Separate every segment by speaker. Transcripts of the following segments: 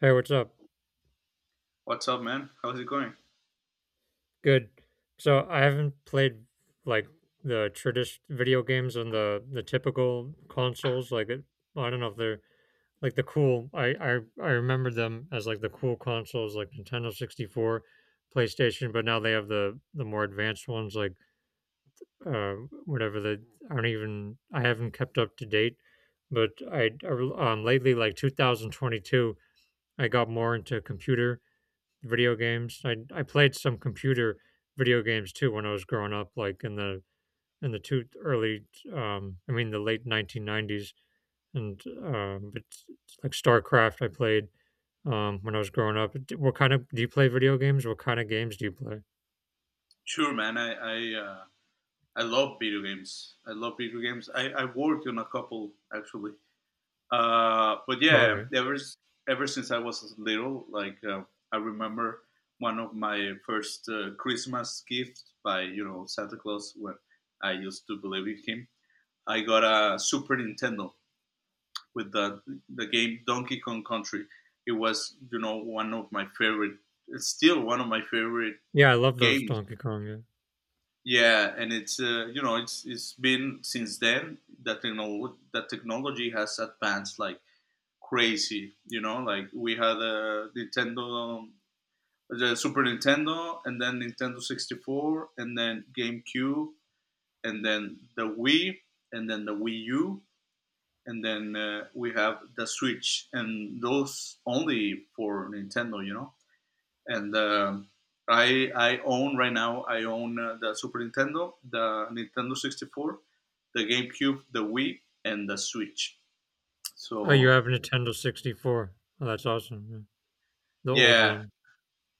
Speaker 1: Hey, what's up?
Speaker 2: What's up, man? How's it going?
Speaker 1: Good. So I haven't played like the traditional video games on the typical consoles. Like it, I don't know if they're like the cool. I remember them as like the cool consoles, like Nintendo 64, PlayStation. But now they have the more advanced ones, like uh, whatever the I don't even I haven't kept up to date. But I lately, like 2022, I got more into computer video games. I played some computer video games too when I was growing up, like in the two early, I mean the late 1990s, and but like StarCraft I played when I was growing up. What do you play video games? What kind of games do you play?
Speaker 2: Sure, man. I I love video games. I love video games. I worked on a couple actually. But
Speaker 1: Oh,
Speaker 2: yeah,
Speaker 1: okay,
Speaker 2: ever ever since I was little, like I remember one of my first Christmas gift by Santa Claus when I used to believe in him. I got a Super Nintendo with the game Donkey Kong Country. It was one of my favorite. It's still one of my favorite
Speaker 1: yeah, I love those
Speaker 2: games.
Speaker 1: Donkey Kong. Yeah.
Speaker 2: Yeah, and it's it's been since then that that technology has advanced like crazy. You know, like we had a Nintendo, the Super Nintendo, and then Nintendo 64, and then GameCube, and then the Wii, and then the Wii U, and then we have the Switch, and those only for Nintendo, you know. And I own right now. I own the Super Nintendo, the Nintendo 64, the GameCube, the Wii, and the Switch.
Speaker 1: Oh, you
Speaker 2: So
Speaker 1: have a Nintendo 64. Oh, that's awesome. Yeah. The old
Speaker 2: yeah,
Speaker 1: one.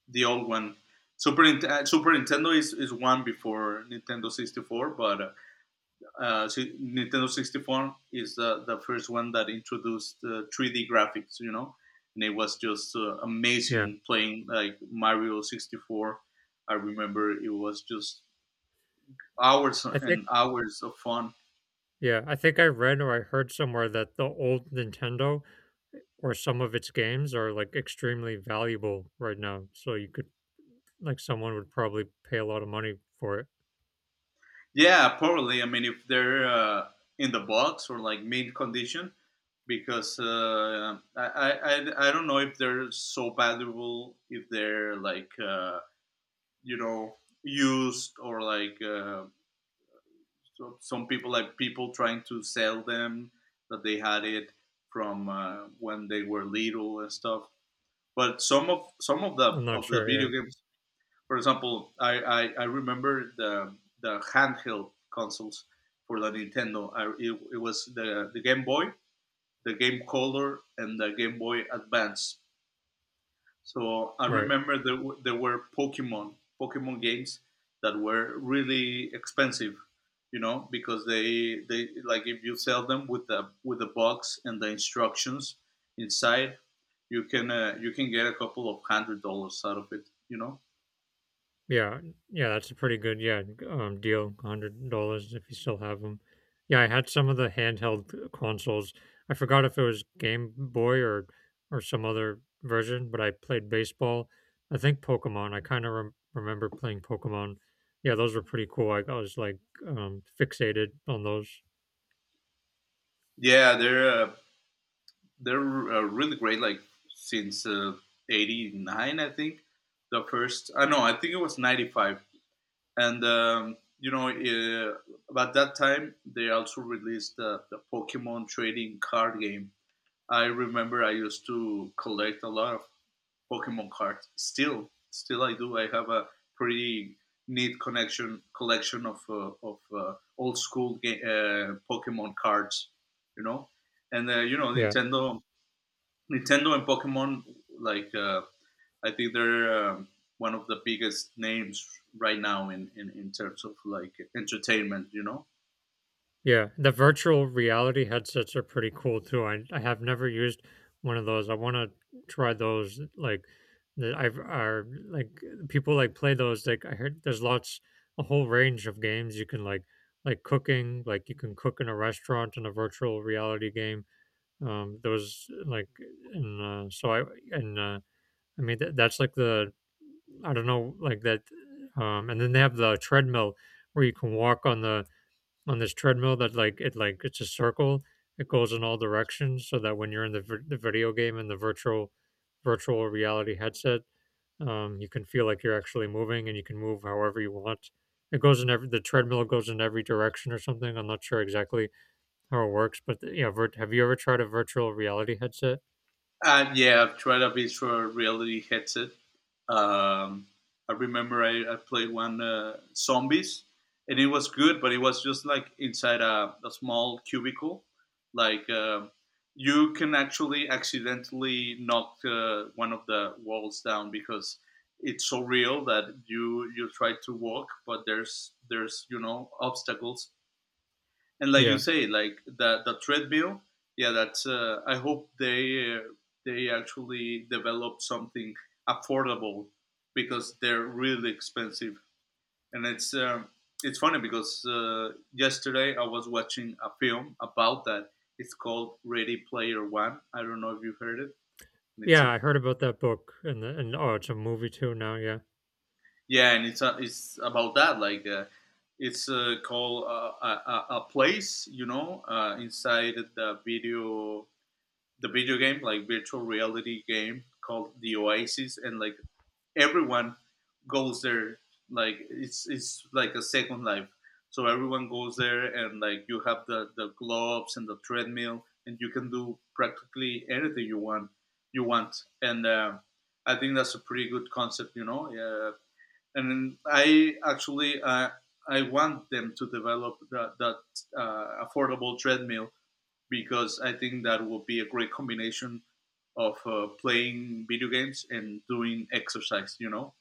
Speaker 2: the old one. Super Nintendo is one before Nintendo 64, Nintendo 64 is the first one that introduced 3D graphics, you know, and it was just
Speaker 1: Yeah.
Speaker 2: amazing playing like Mario 64. I remember it was just hours
Speaker 1: I think
Speaker 2: and hours of fun.
Speaker 1: yeah, I think I read or I heard somewhere that the old Nintendo or some of its games are like extremely valuable right now. So you could like someone would probably pay a lot of money for it.
Speaker 2: Yeah, probably. I mean, if they're in the box or like mid condition, because I don't know if they're so valuable if they're like you know used or like so some people like people trying to sell them that they had it from when they were little and stuff. But some of some of the
Speaker 1: I'm not
Speaker 2: of the
Speaker 1: sure.
Speaker 2: video
Speaker 1: Yeah.
Speaker 2: games, for example, I remember the handheld consoles for the Nintendo. It was the Game Boy, the Game Color, and the Game Boy Advance. So I
Speaker 1: Right.
Speaker 2: remember there were Pokemon games that were really expensive, you know, because they like if you sell them with the box and the instructions inside, you can get a couple of hundred dollars out of it, you know.
Speaker 1: Yeah. Yeah. That's a pretty good, yeah, deal. $100 if you still have them. Yeah, I had some of the handheld consoles. I forgot if it was Game Boy or some other version, but I played baseball. I think Pokemon. I kind of remember playing Pokemon. Yeah, those were pretty cool. I was like fixated on those.
Speaker 2: Yeah, they're really great. Like since '89, I think the first. I know. I think it was '95, and you know, about that time they also released the Pokemon trading card game. I remember I used to collect a lot of Pokemon cards. Still, I do. I have a pretty neat connection collection of old school Pokemon cards, you know, and
Speaker 1: Yeah.
Speaker 2: Nintendo and Pokemon, like I think they're one of the biggest names right now in terms of like entertainment, you know.
Speaker 1: Yeah, the virtual reality headsets are pretty cool too. I have never used one of those. I want to try those. Like, that I've are like people like play those. Like I heard there's lots a whole range of games you can like cooking. Like you can cook in a restaurant in a virtual reality game. Those like and so I and I mean that, that's like the I don't know like that. And then they have the treadmill where you can walk on the on this treadmill that it's a circle. It goes in all directions, so that when you're in the the video game and the virtual reality headset, you can feel like you're actually moving, and you can move however you want. It goes in every the treadmill goes in every direction or something. I'm not sure exactly how it works, but yeah. Have you ever tried a virtual reality headset?
Speaker 2: Yeah, I've tried a bit for a reality headset. Um, I remember I played one zombies, and it was good, but it was just like inside a small cubicle. Like, you can actually accidentally knock one of the walls down because it's so real that you try to walk, but there's obstacles, and like you
Speaker 1: Yeah,
Speaker 2: say, like the treadmill. Yeah, that's. I hope they actually develop something affordable, because they're really expensive, and it's funny because yesterday I was watching a film about that. It's called Ready Player One. I don't know if you've heard it. And It's
Speaker 1: yeah.
Speaker 2: a
Speaker 1: I heard about that book, and oh, it's a movie too now. Yeah.
Speaker 2: Yeah, and it's about that. Like it's called a place, you know, inside the video game, like virtual reality game called The Oasis, and like everyone goes there. Like it's like a second life. So everyone goes there, and like you have the gloves and the treadmill, and you can do practically anything you want. You want, and I think that's a pretty good concept, you know. Yeah. And I want them to develop that affordable treadmill, because I think that will be a great combination of playing video games and doing exercise, you know.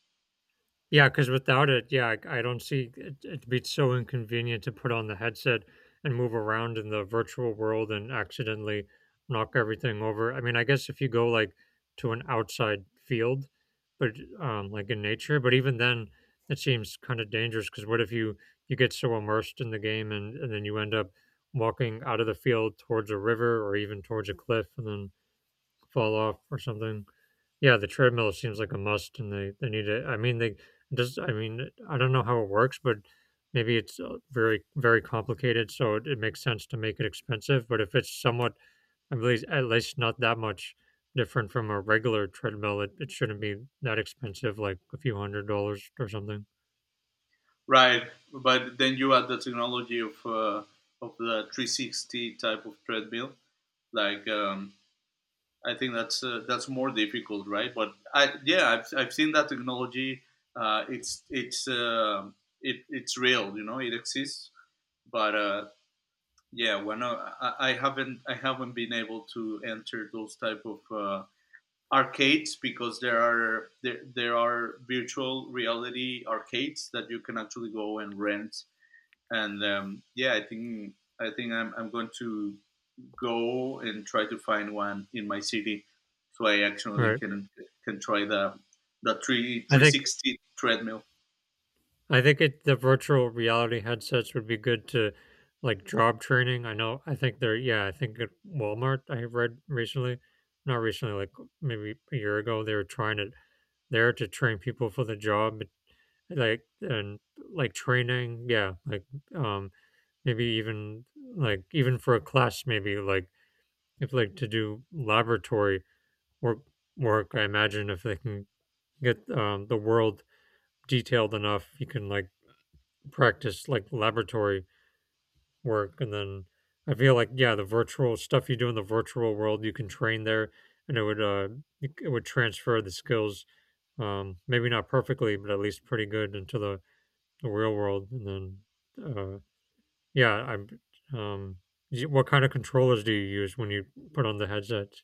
Speaker 1: Yeah, because without it, yeah, I don't see it'd be so inconvenient to put on the headset and move around in the virtual world and accidentally knock everything over. I mean, I guess if you go like to an outside field, but like in nature, but even then, it seems kind of dangerous because what if you you get so immersed in the game and then you end up walking out of the field towards a river or even towards a cliff and then fall off or something? Yeah, the treadmill seems like a must, and they need it. I mean, they just. I mean, I don't know how it works, but maybe it's very complicated, so it makes sense to make it expensive. But if it's somewhat, at least not that much different from a regular treadmill, it shouldn't be that expensive, like a few $100 or something.
Speaker 2: Right? But then you add the technology of of the 360 type of treadmill. Like um, I think that's more difficult, right? But I yeah, I've seen that technology. Uh, it's it's uh, it's real, you know, it exists. But yeah, when I haven't been able to enter those type of arcades, because there are virtual reality arcades that you can actually go and rent. And yeah, I think I'm going to go and try to find one in my city, so I actually
Speaker 1: Right.
Speaker 2: can try the 3
Speaker 1: I think
Speaker 2: 360 treadmill.
Speaker 1: I think the virtual reality headsets would be good to like job training. I know, I think they're, yeah, I think at Walmart, I read recently, not recently, like maybe a year ago, they were trying it there to train people for the job, but, like, and like training, yeah, like, um, maybe even like, even for a class, maybe like, if like to do laboratory work, work, I imagine if they can get the world detailed enough, you can like practice like laboratory work. And then I feel like yeah, the virtual stuff you do in the virtual world, you can train there, and it it would transfer the skills. Maybe not perfectly, but at least pretty good into the real world. And then yeah, I'm um. What kind of controllers do you use when you put on the headsets?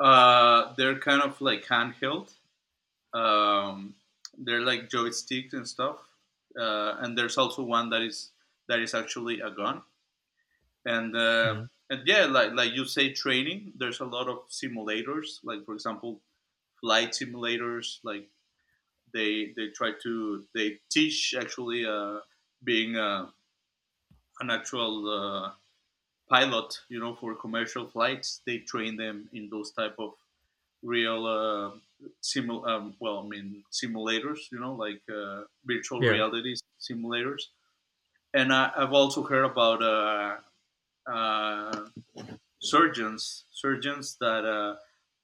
Speaker 2: They're kind of like handheld. Um, they're like joysticks and stuff, and there's also one that is actually a gun, and
Speaker 1: Mm,
Speaker 2: and yeah, like you say, training. There's a lot of simulators, like for example, flight simulators. Like they try to they teach actually being an actual pilot, you know, for commercial flights. They train them in those type of real simul well, I mean simulators, you know, like virtual
Speaker 1: yeah,
Speaker 2: reality simulators. And I've also heard about uh, surgeons that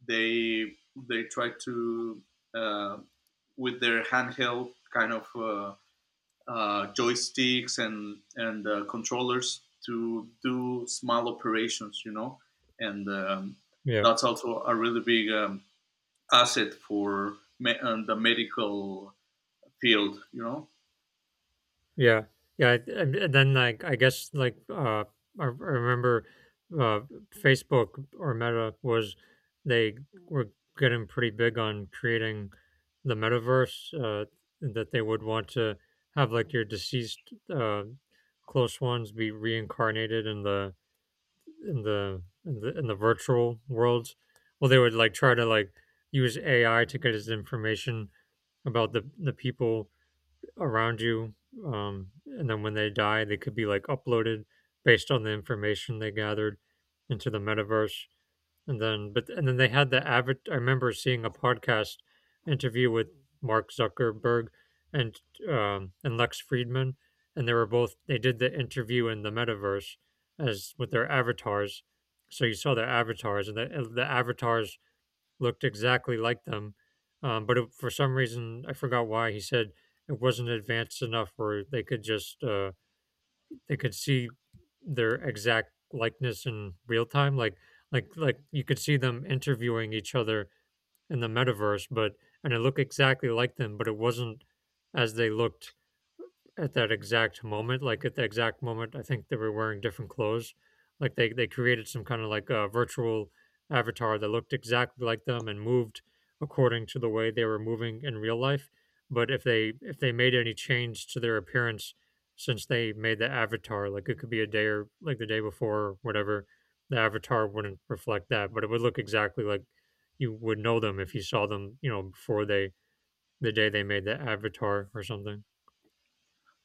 Speaker 2: they they try to uh, with their handheld kind of joysticks and controllers to do small operations, you know, and
Speaker 1: yeah.
Speaker 2: that's also a really big asset for the medical field, you know.
Speaker 1: Yeah, yeah, and then like I guess like I remember uh, Facebook or Meta was they were getting pretty big on creating the metaverse that they would want to have like your deceased close ones be reincarnated in the virtual worlds. Well, they would like try to like use AI to get his information about the people around you. And then when they die, they could be like uploaded based on the information they gathered into the metaverse. And then they had the avid. I remember seeing a podcast interview with Mark Zuckerberg and and Lex Friedman, and they were both they did the interview in the metaverse as with their avatars. So you saw their avatars, and the avatars looked exactly like them. But it, for some reason, I forgot why he said it wasn't advanced enough where they could just they could see their exact likeness in real time, like like you could see them interviewing each other in the metaverse, but and it looked exactly like them, but it wasn't as they looked at that exact moment, like at the exact moment. I think they were wearing different clothes, like they created some kind of like a virtual avatar that looked exactly like them and moved according to the way they were moving in real life. But if they made any change to their appearance since they made the avatar, like it could be a day or like the day before or whatever, the avatar wouldn't reflect that. But it would look exactly like you would know them if you saw them, you know, before they the day they made the avatar or something.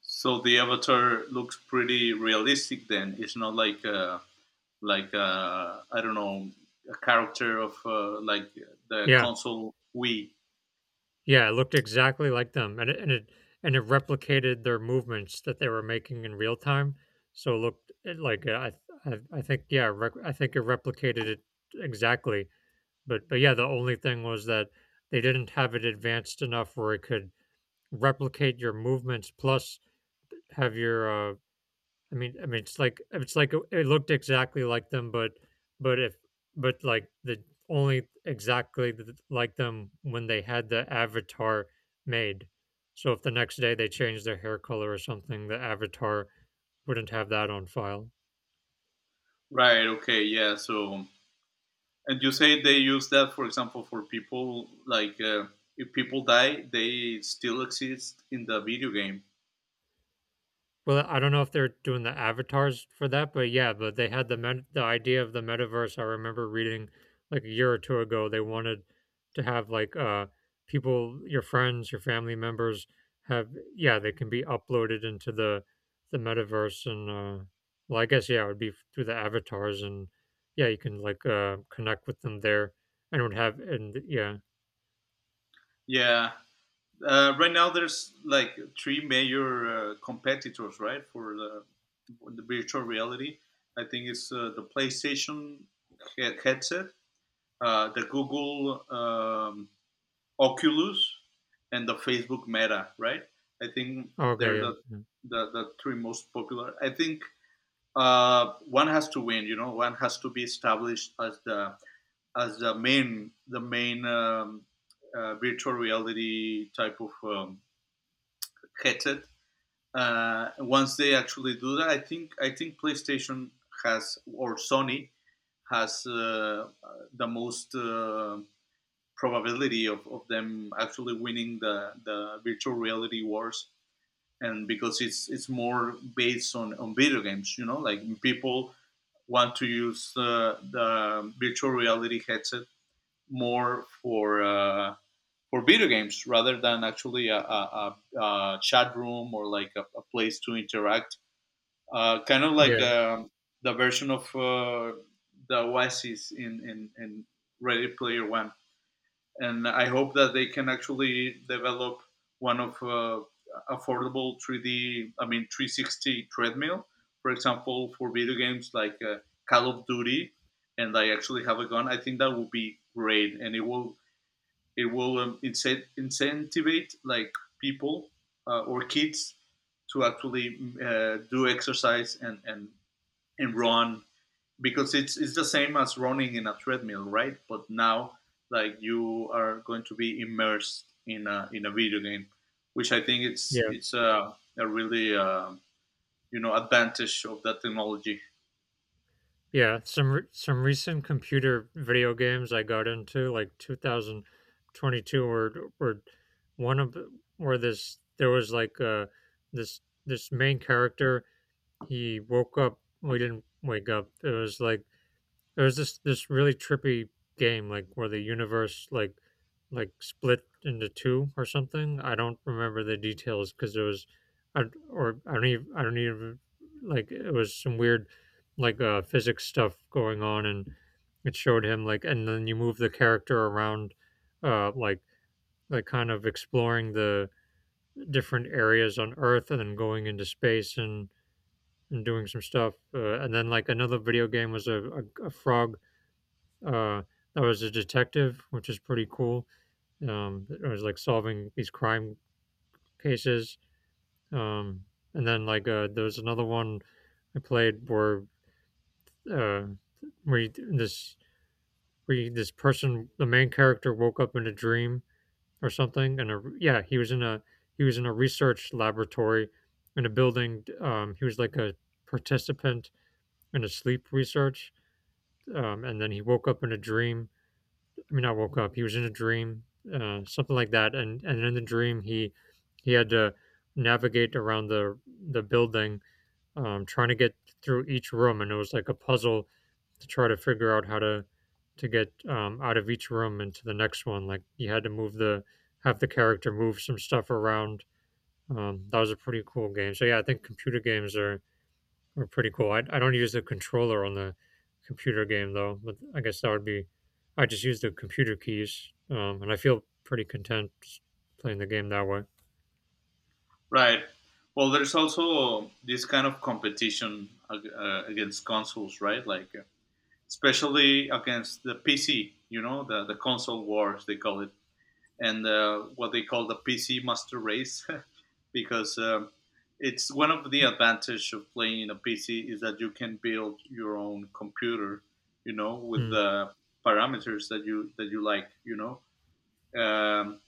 Speaker 2: So the avatar looks pretty realistic then. It's not like I don't know, a character of like the
Speaker 1: Yeah,
Speaker 2: console Wii.
Speaker 1: yeah, it looked exactly like them, and it replicated their movements that they were making in real time. So it looked it like I think yeah, I think it replicated it exactly. But yeah, the only thing was that they didn't have it advanced enough where it could replicate your movements plus have your I mean, it's like it looked exactly like them, but if but like the only exactly like them when they had the avatar made. So if the next day they changed their hair color or something, the avatar wouldn't have that on file.
Speaker 2: Right. Okay. Yeah. So and you say they use that, for example, for people like if people die, they still exist in the video game.
Speaker 1: Well, I don't know if they're doing the avatars for that, but yeah, but they had the the idea of the metaverse. I remember reading like a year or two ago, they wanted to have like people, your friends, your family members have yeah, they can be uploaded into the metaverse and well, I guess yeah, it would be through the avatars and yeah, you can like connect with them there and would have and yeah.
Speaker 2: Yeah. Right now, there's like three major competitors, right, for the virtual reality. I think it's the PlayStation headset, the Google Oculus, and the Facebook Meta, right? I think
Speaker 1: Oh, okay,
Speaker 2: they're the
Speaker 1: yeah.
Speaker 2: the, the three most popular. I think one has to win. You know, one has to be established as the main virtual reality type of headset. Once they actually do that, I think PlayStation has, or Sony has the most probability of them actually winning the virtual reality wars, and because it's more based on video games, you know, like people want to use the virtual reality headset more for video games rather than actually a chat room or like a place to interact, kind of like
Speaker 1: Yeah.
Speaker 2: the version of the Oasis in Ready Player One. And I hope that they can actually develop one of affordable 3D, I mean 360 treadmill, for example, for video games like Call of Duty, and I actually have a gun. I think that would be great, and it will incentivize like people, or kids, to actually do exercise and and run, because it's the same as running in a treadmill, right? But now like you are going to be immersed in a video game, which I think it's
Speaker 1: Yeah.
Speaker 2: it's a really advantage of that technology,
Speaker 1: Yeah, some some recent computer video games I got into, like 2022, were one of the- where this there was like this main character he woke up. We didn't wake up. It was like there's this really trippy game like where the universe like split into two or something. I don't remember the details because it was, I don't even like it was some weird like physics stuff going on, and it showed him like, and then you move the character around, uh, like kind of exploring the different areas on Earth, and then going into space and doing some stuff, and then like another video game was a frog, uh, I was a detective, which is pretty cool. I was like solving these crime cases. Um, and then like there was another one I played where uh, where you, this where you, this person, the main character, woke up in a dream or something, and yeah, he was in a research laboratory in a building. He was like a participant in a sleep research, and then he woke up in a dream. I mean, I woke up. He was in a dream, something like that, and in the dream he had to navigate around the building, trying to get through each room, and it was like a puzzle to try to figure out how to get out of each room into the next one. Like you had to move the have the character move some stuff around. That was a pretty cool game. So yeah, I think computer games are were pretty cool. I don't use the controller on the computer game though, but I guess that would be. I just use the computer keys, and I feel pretty content playing the game that way.
Speaker 2: right? Well, there's also this kind of competition against consoles, right? Like especially against the PC, you know, the console wars they call it, and what they call the PC master race, because it's one of the advantage of playing in a PC is that you can build your own computer, you know, with
Speaker 1: Mm,
Speaker 2: the parameters that you like, you know, um,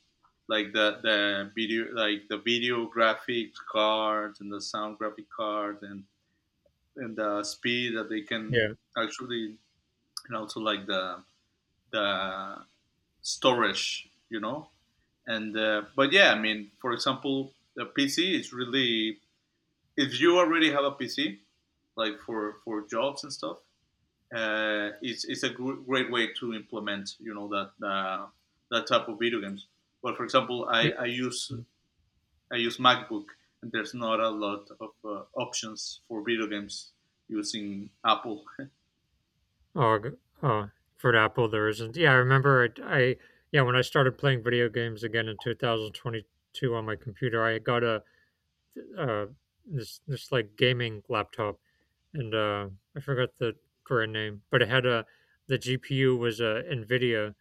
Speaker 2: like the video graphics cards and the sound graphic cards and the speed that they can
Speaker 1: yeah.
Speaker 2: actually. And also like the storage, you know. And but yeah, I mean, for example, the PC is really if you already have a PC, like for jobs and stuff, it's a great way to implement, you know, that that type of video games. But for example,
Speaker 1: It,
Speaker 2: I use MacBook, and there's not a lot of options for video games using Apple.
Speaker 1: oh, g- uh, for the Apple, there isn't. Yeah, I remember. I yeah, when I started playing video games again in 2022 on my computer, I got a uh, this like gaming laptop, and I forgot the brand name, but it had a the GPU was a NVIDIA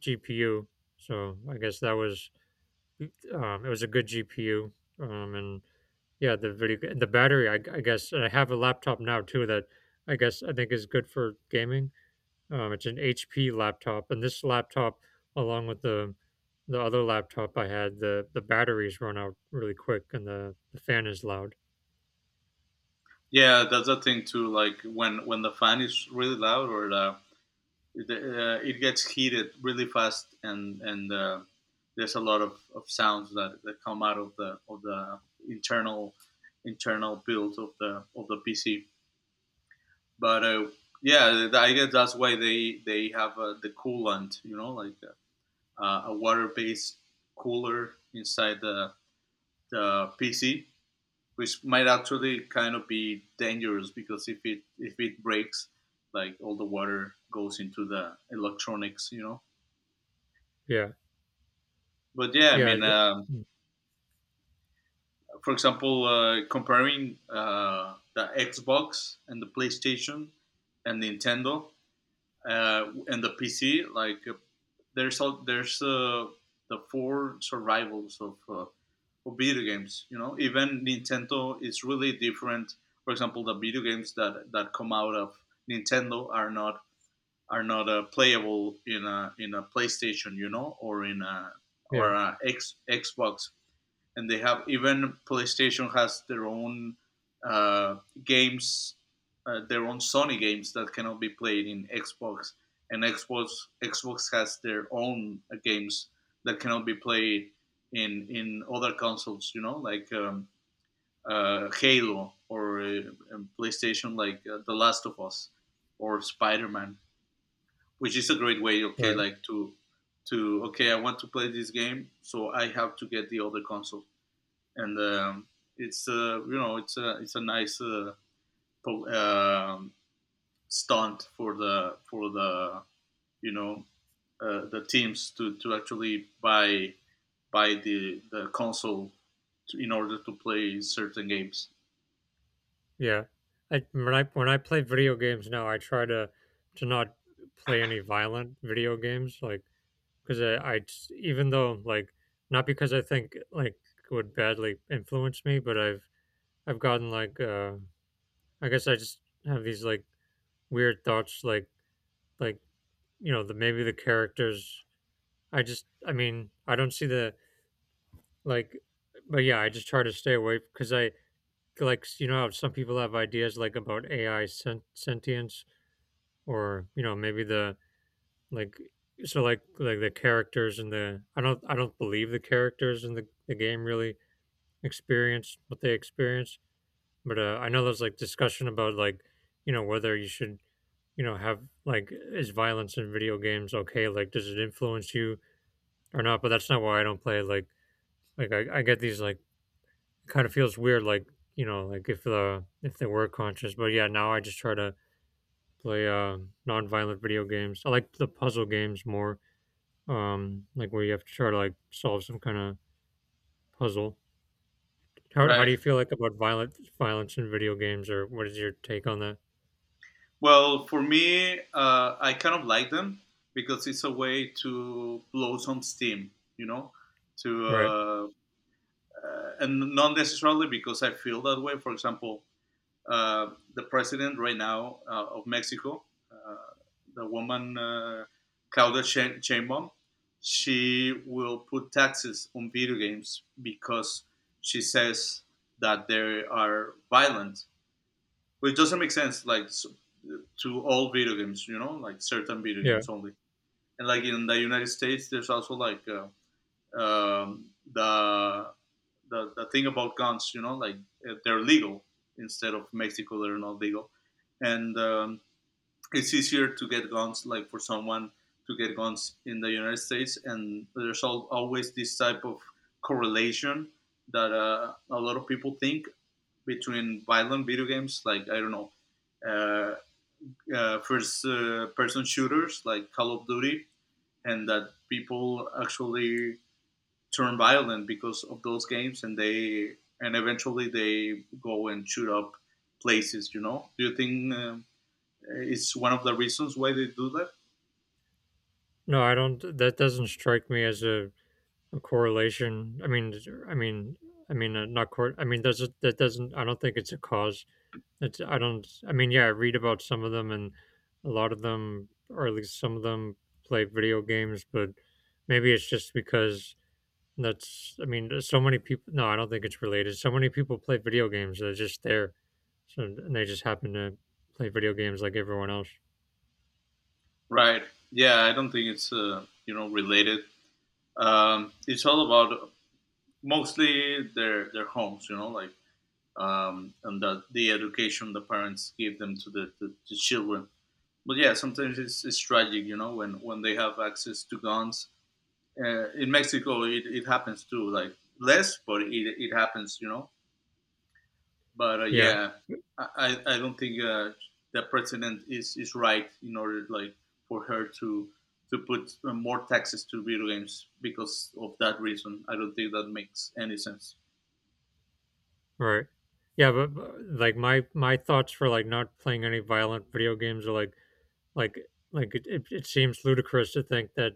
Speaker 1: GPU. So I guess that was it was a good GPU. And yeah, the video and the battery. I guess and I have a laptop now too that I guess I think is good for gaming. It's an HP laptop, and this laptop, along with the other laptop I had, the batteries run out really quick, and the fan is loud.
Speaker 2: Yeah, that's the thing too. Like when the fan is really loud, or it gets heated really fast, and there's a lot of sounds that come out of the internal internal build of the PC. But uh, yeah, I guess that's why they have the coolant, you know, like a water based cooler inside the PC, which might actually kind of be dangerous because if it breaks, like all the water goes into the electronics, you know.
Speaker 1: Yeah,
Speaker 2: But yeah, I
Speaker 1: yeah,
Speaker 2: mean,
Speaker 1: th-
Speaker 2: for example, comparing the Xbox and the PlayStation and Nintendo and the PC, like there's all, there's the four survivals of video games. You know, even Nintendo is really different. For example, the video games that come out of Nintendo are not playable in a PlayStation, you know, or in a
Speaker 1: yeah.
Speaker 2: or a Xbox and they have even PlayStation has their own uh, games, their own Sony games that cannot be played in Xbox, and Xbox has their own games that cannot be played in other consoles. You know, like Halo or PlayStation, like The Last of Us or Spider Man, which is a great way. Okay,
Speaker 1: Right.
Speaker 2: like to okay, I want to play this game, so I have to get the other console and it's you know it's a nice po- um stunt for the you know the teams to actually buy the console to, in order to play certain games.
Speaker 1: Yeah. I when I play video games now, I try to not play any violent video games, like because I s- even though like not because I think like it would badly influence me, but I've gotten like I guess I just have these like weird thoughts like you know the maybe the characters I just I mean I don't see the like but yeah I just try to stay away because you know how some people have ideas like about AI sent sentience or you know maybe the like so like the characters in the I don't believe the characters in the game really experienced what they experienced, but I know there's like discussion about like you know whether you should you know have like is violence in video games okay like does it influence you or not, but that's not why I don't play like I get these like it kind of feels weird like you know like if they were conscious. But yeah, now I just try to play non-violent video games. I like the puzzle games more, like where you have to try to like solve some kind of puzzle. How do
Speaker 2: Right.
Speaker 1: you feel like about violent violence in video games, or what is your take on that?
Speaker 2: Well, for me, I kind of like them because it's a way to blow some steam. You know, to
Speaker 1: Right.
Speaker 2: and not necessarily because I feel that way. For example, the president right now of Mexico, uh, the woman Claudia Sheinbaum, she will put taxes on video games because she says that they are violent, which doesn't make sense. Like to all video games, you know, like certain video
Speaker 1: Yeah.
Speaker 2: games only. And like in the United States, there's also like the the thing about guns, you know, like they're legal instead of Mexico, they're not legal. And it's easier to get guns, like for someone to get guns in the United States. And there's always this type of correlation that a lot of people think between violent video games, like, I don't know, uh, first person shooters like Call of Duty, and that people actually turn violent because of those games, and eventually they go and shoot up places. You know, do you think it's one of the reasons why they do that?
Speaker 1: No, I don't. That doesn't strike me as a correlation. I mean, not cor. I mean, does it? That doesn't. I don't think it's a cause. That's. I don't. I mean, yeah, I read about some of them, and a lot of them, or at least some of them, play video games, but maybe it's just because that's, I mean, there's so many people. No, I don't think it's related. So many people play video games. They're just there, so and they just happen to play video games like everyone else.
Speaker 2: Right. Yeah, I don't think it's you know related. It's all about mostly their homes. You know, like and the education the parents give them to the children. But yeah, sometimes it's tragic, you know, when they have access to guns in Mexico, it happens too, like less, but it happens, you know. But uh,
Speaker 1: Yeah,
Speaker 2: yeah, I, I don't think the president is right in order like for her to put more taxes to video games because of that reason. I don't think that makes any sense.
Speaker 1: right. Yeah, but like my thoughts for like not playing any violent video games are like like it seems ludicrous to think that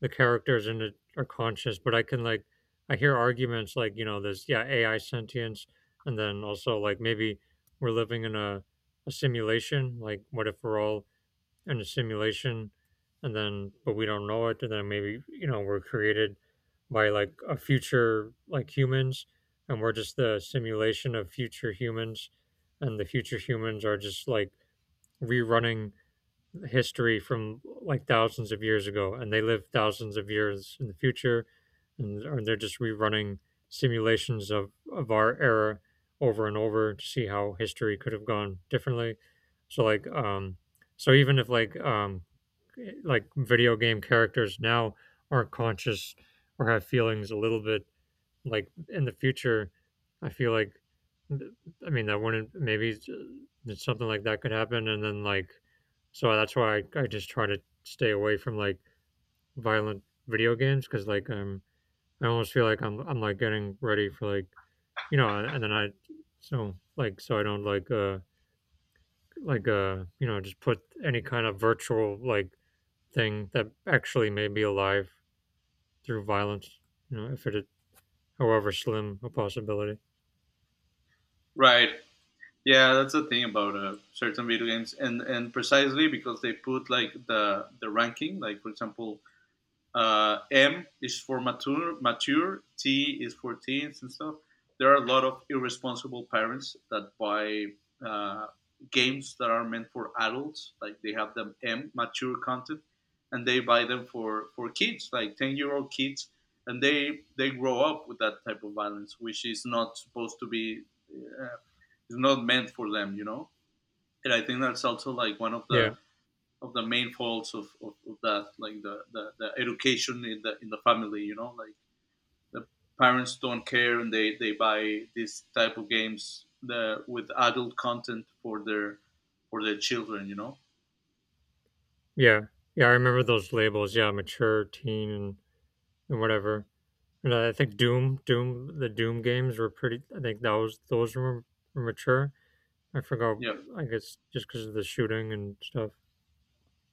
Speaker 1: the characters in it are conscious, but I can like I hear arguments like you know there's yeah AI sentience, and then also like maybe we're living in a simulation. Like what if we're all in a simulation, and then but we don't know it, and then maybe you know we're created by like a future like humans, and we're just the simulation of future humans, and the future humans are just like rerunning history from like thousands of years ago, and they live thousands of years in the future and or they're just rerunning simulations of our era over and over to see how history could have gone differently. So even if like video game characters now are conscious or have feelings a little bit, like in the future I feel like I mean that wouldn't maybe something like that could happen, and then like so that's why I just try to stay away from like violent video games because like I almost feel like I'm like getting ready for like you know and then I don't like you know just put any kind of virtual like thing that actually may be alive through violence, you know, if it is, however slim a possibility.
Speaker 2: Right. Yeah, that's the thing about certain video games, and precisely because they put like the ranking, like for example, M is for mature, mature. T is for teens and stuff. There are a lot of irresponsible parents that buy uh, games that are meant for adults. Like they have them M mature content, and they buy them for kids, like 10 year old kids, and they grow up with that type of violence, which is not supposed to be. Uh, is not meant for them, you know. And I think that's also like one
Speaker 1: Yeah,
Speaker 2: of the main faults of that, like the education in the family, you know, like the parents don't care and they buy this type of games the with adult content for their children, you know.
Speaker 1: yeah, yeah. I remember those labels. Yeah, mature, teen, and whatever. And I think the Doom games were pretty. I think that was those were mature. I forgot.
Speaker 2: Yeah,
Speaker 1: I guess just because of the shooting and stuff.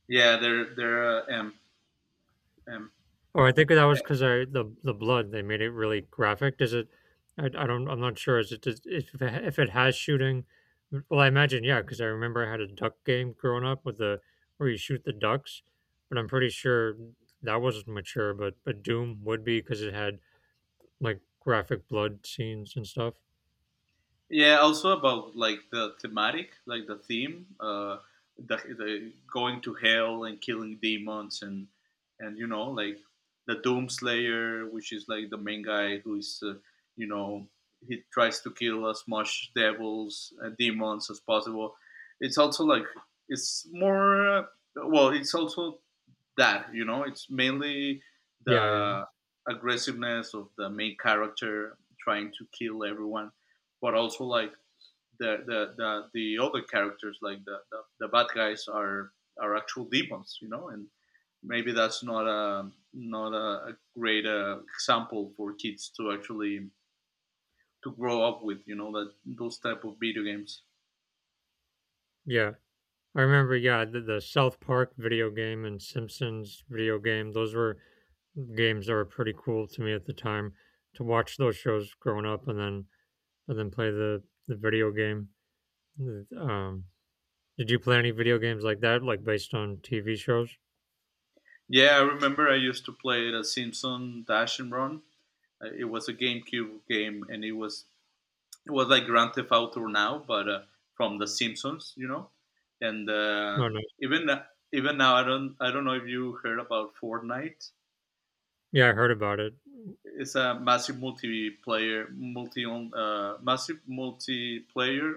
Speaker 2: yeah, they're um,
Speaker 1: Or I think that was because I the blood they made it really graphic. Does it? I don't. I'm not sure. If it ha- if it has shooting? Well, I imagine yeah, because I remember I had a duck game growing up with the where you shoot the ducks, but I'm pretty sure that wasn't mature. But Doom would be because it had like graphic blood scenes and stuff.
Speaker 2: yeah, also about like the thematic, like the theme, the going to hell and killing demons and you know like the Doomslayer, which is like the main guy who is you know he tries to kill as much devils and demons as possible. It's also like it's more well, it's also that you know it's mainly
Speaker 1: Yeah, yeah.
Speaker 2: the aggressiveness of the main character trying to kill everyone but also like the other characters like the bad guys are actual demons you know and maybe that's not a great example for kids to actually to grow up with you know that those type of video games
Speaker 1: Yeah. I remember. Yeah, the South Park video game and Simpsons video game. Those were games that were pretty cool to me at the time to watch those shows growing up and then play the video game. Um, did you play any video games like that, like based on TV shows?
Speaker 2: yeah I remember I used to play the simpson dash and run. It was a gamecube game and it was like Grand Theft Auto now, but from The Simpsons, you know. And
Speaker 1: Oh, nice.
Speaker 2: even even now, I don't know if you heard about Fortnite.
Speaker 1: Yeah, I heard about it.
Speaker 2: It's a massive multiplayer multi on massive multiplayer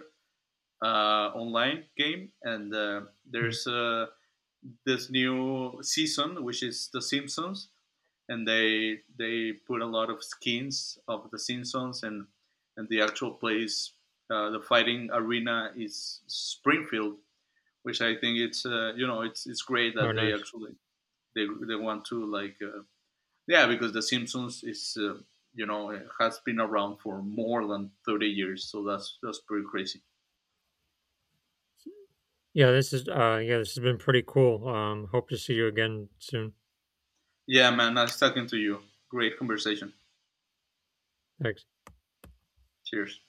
Speaker 2: online game, and
Speaker 1: Mm.
Speaker 2: there's this new season, which is The Simpsons, and they put a lot of skins of the Simpsons and the actual place the fighting arena is Springfield, which I think it's you know it's great
Speaker 1: Oh,
Speaker 2: that they
Speaker 1: nice.
Speaker 2: actually they want to like yeah because the Simpsons is you know it has been around for more than 30 years, so that's pretty crazy.
Speaker 1: Yeah, this is yeah, this has been pretty cool. Hope to see you again soon.
Speaker 2: Yeah, man, nice talking to you. Great conversation.
Speaker 1: Thanks.
Speaker 2: Cheers.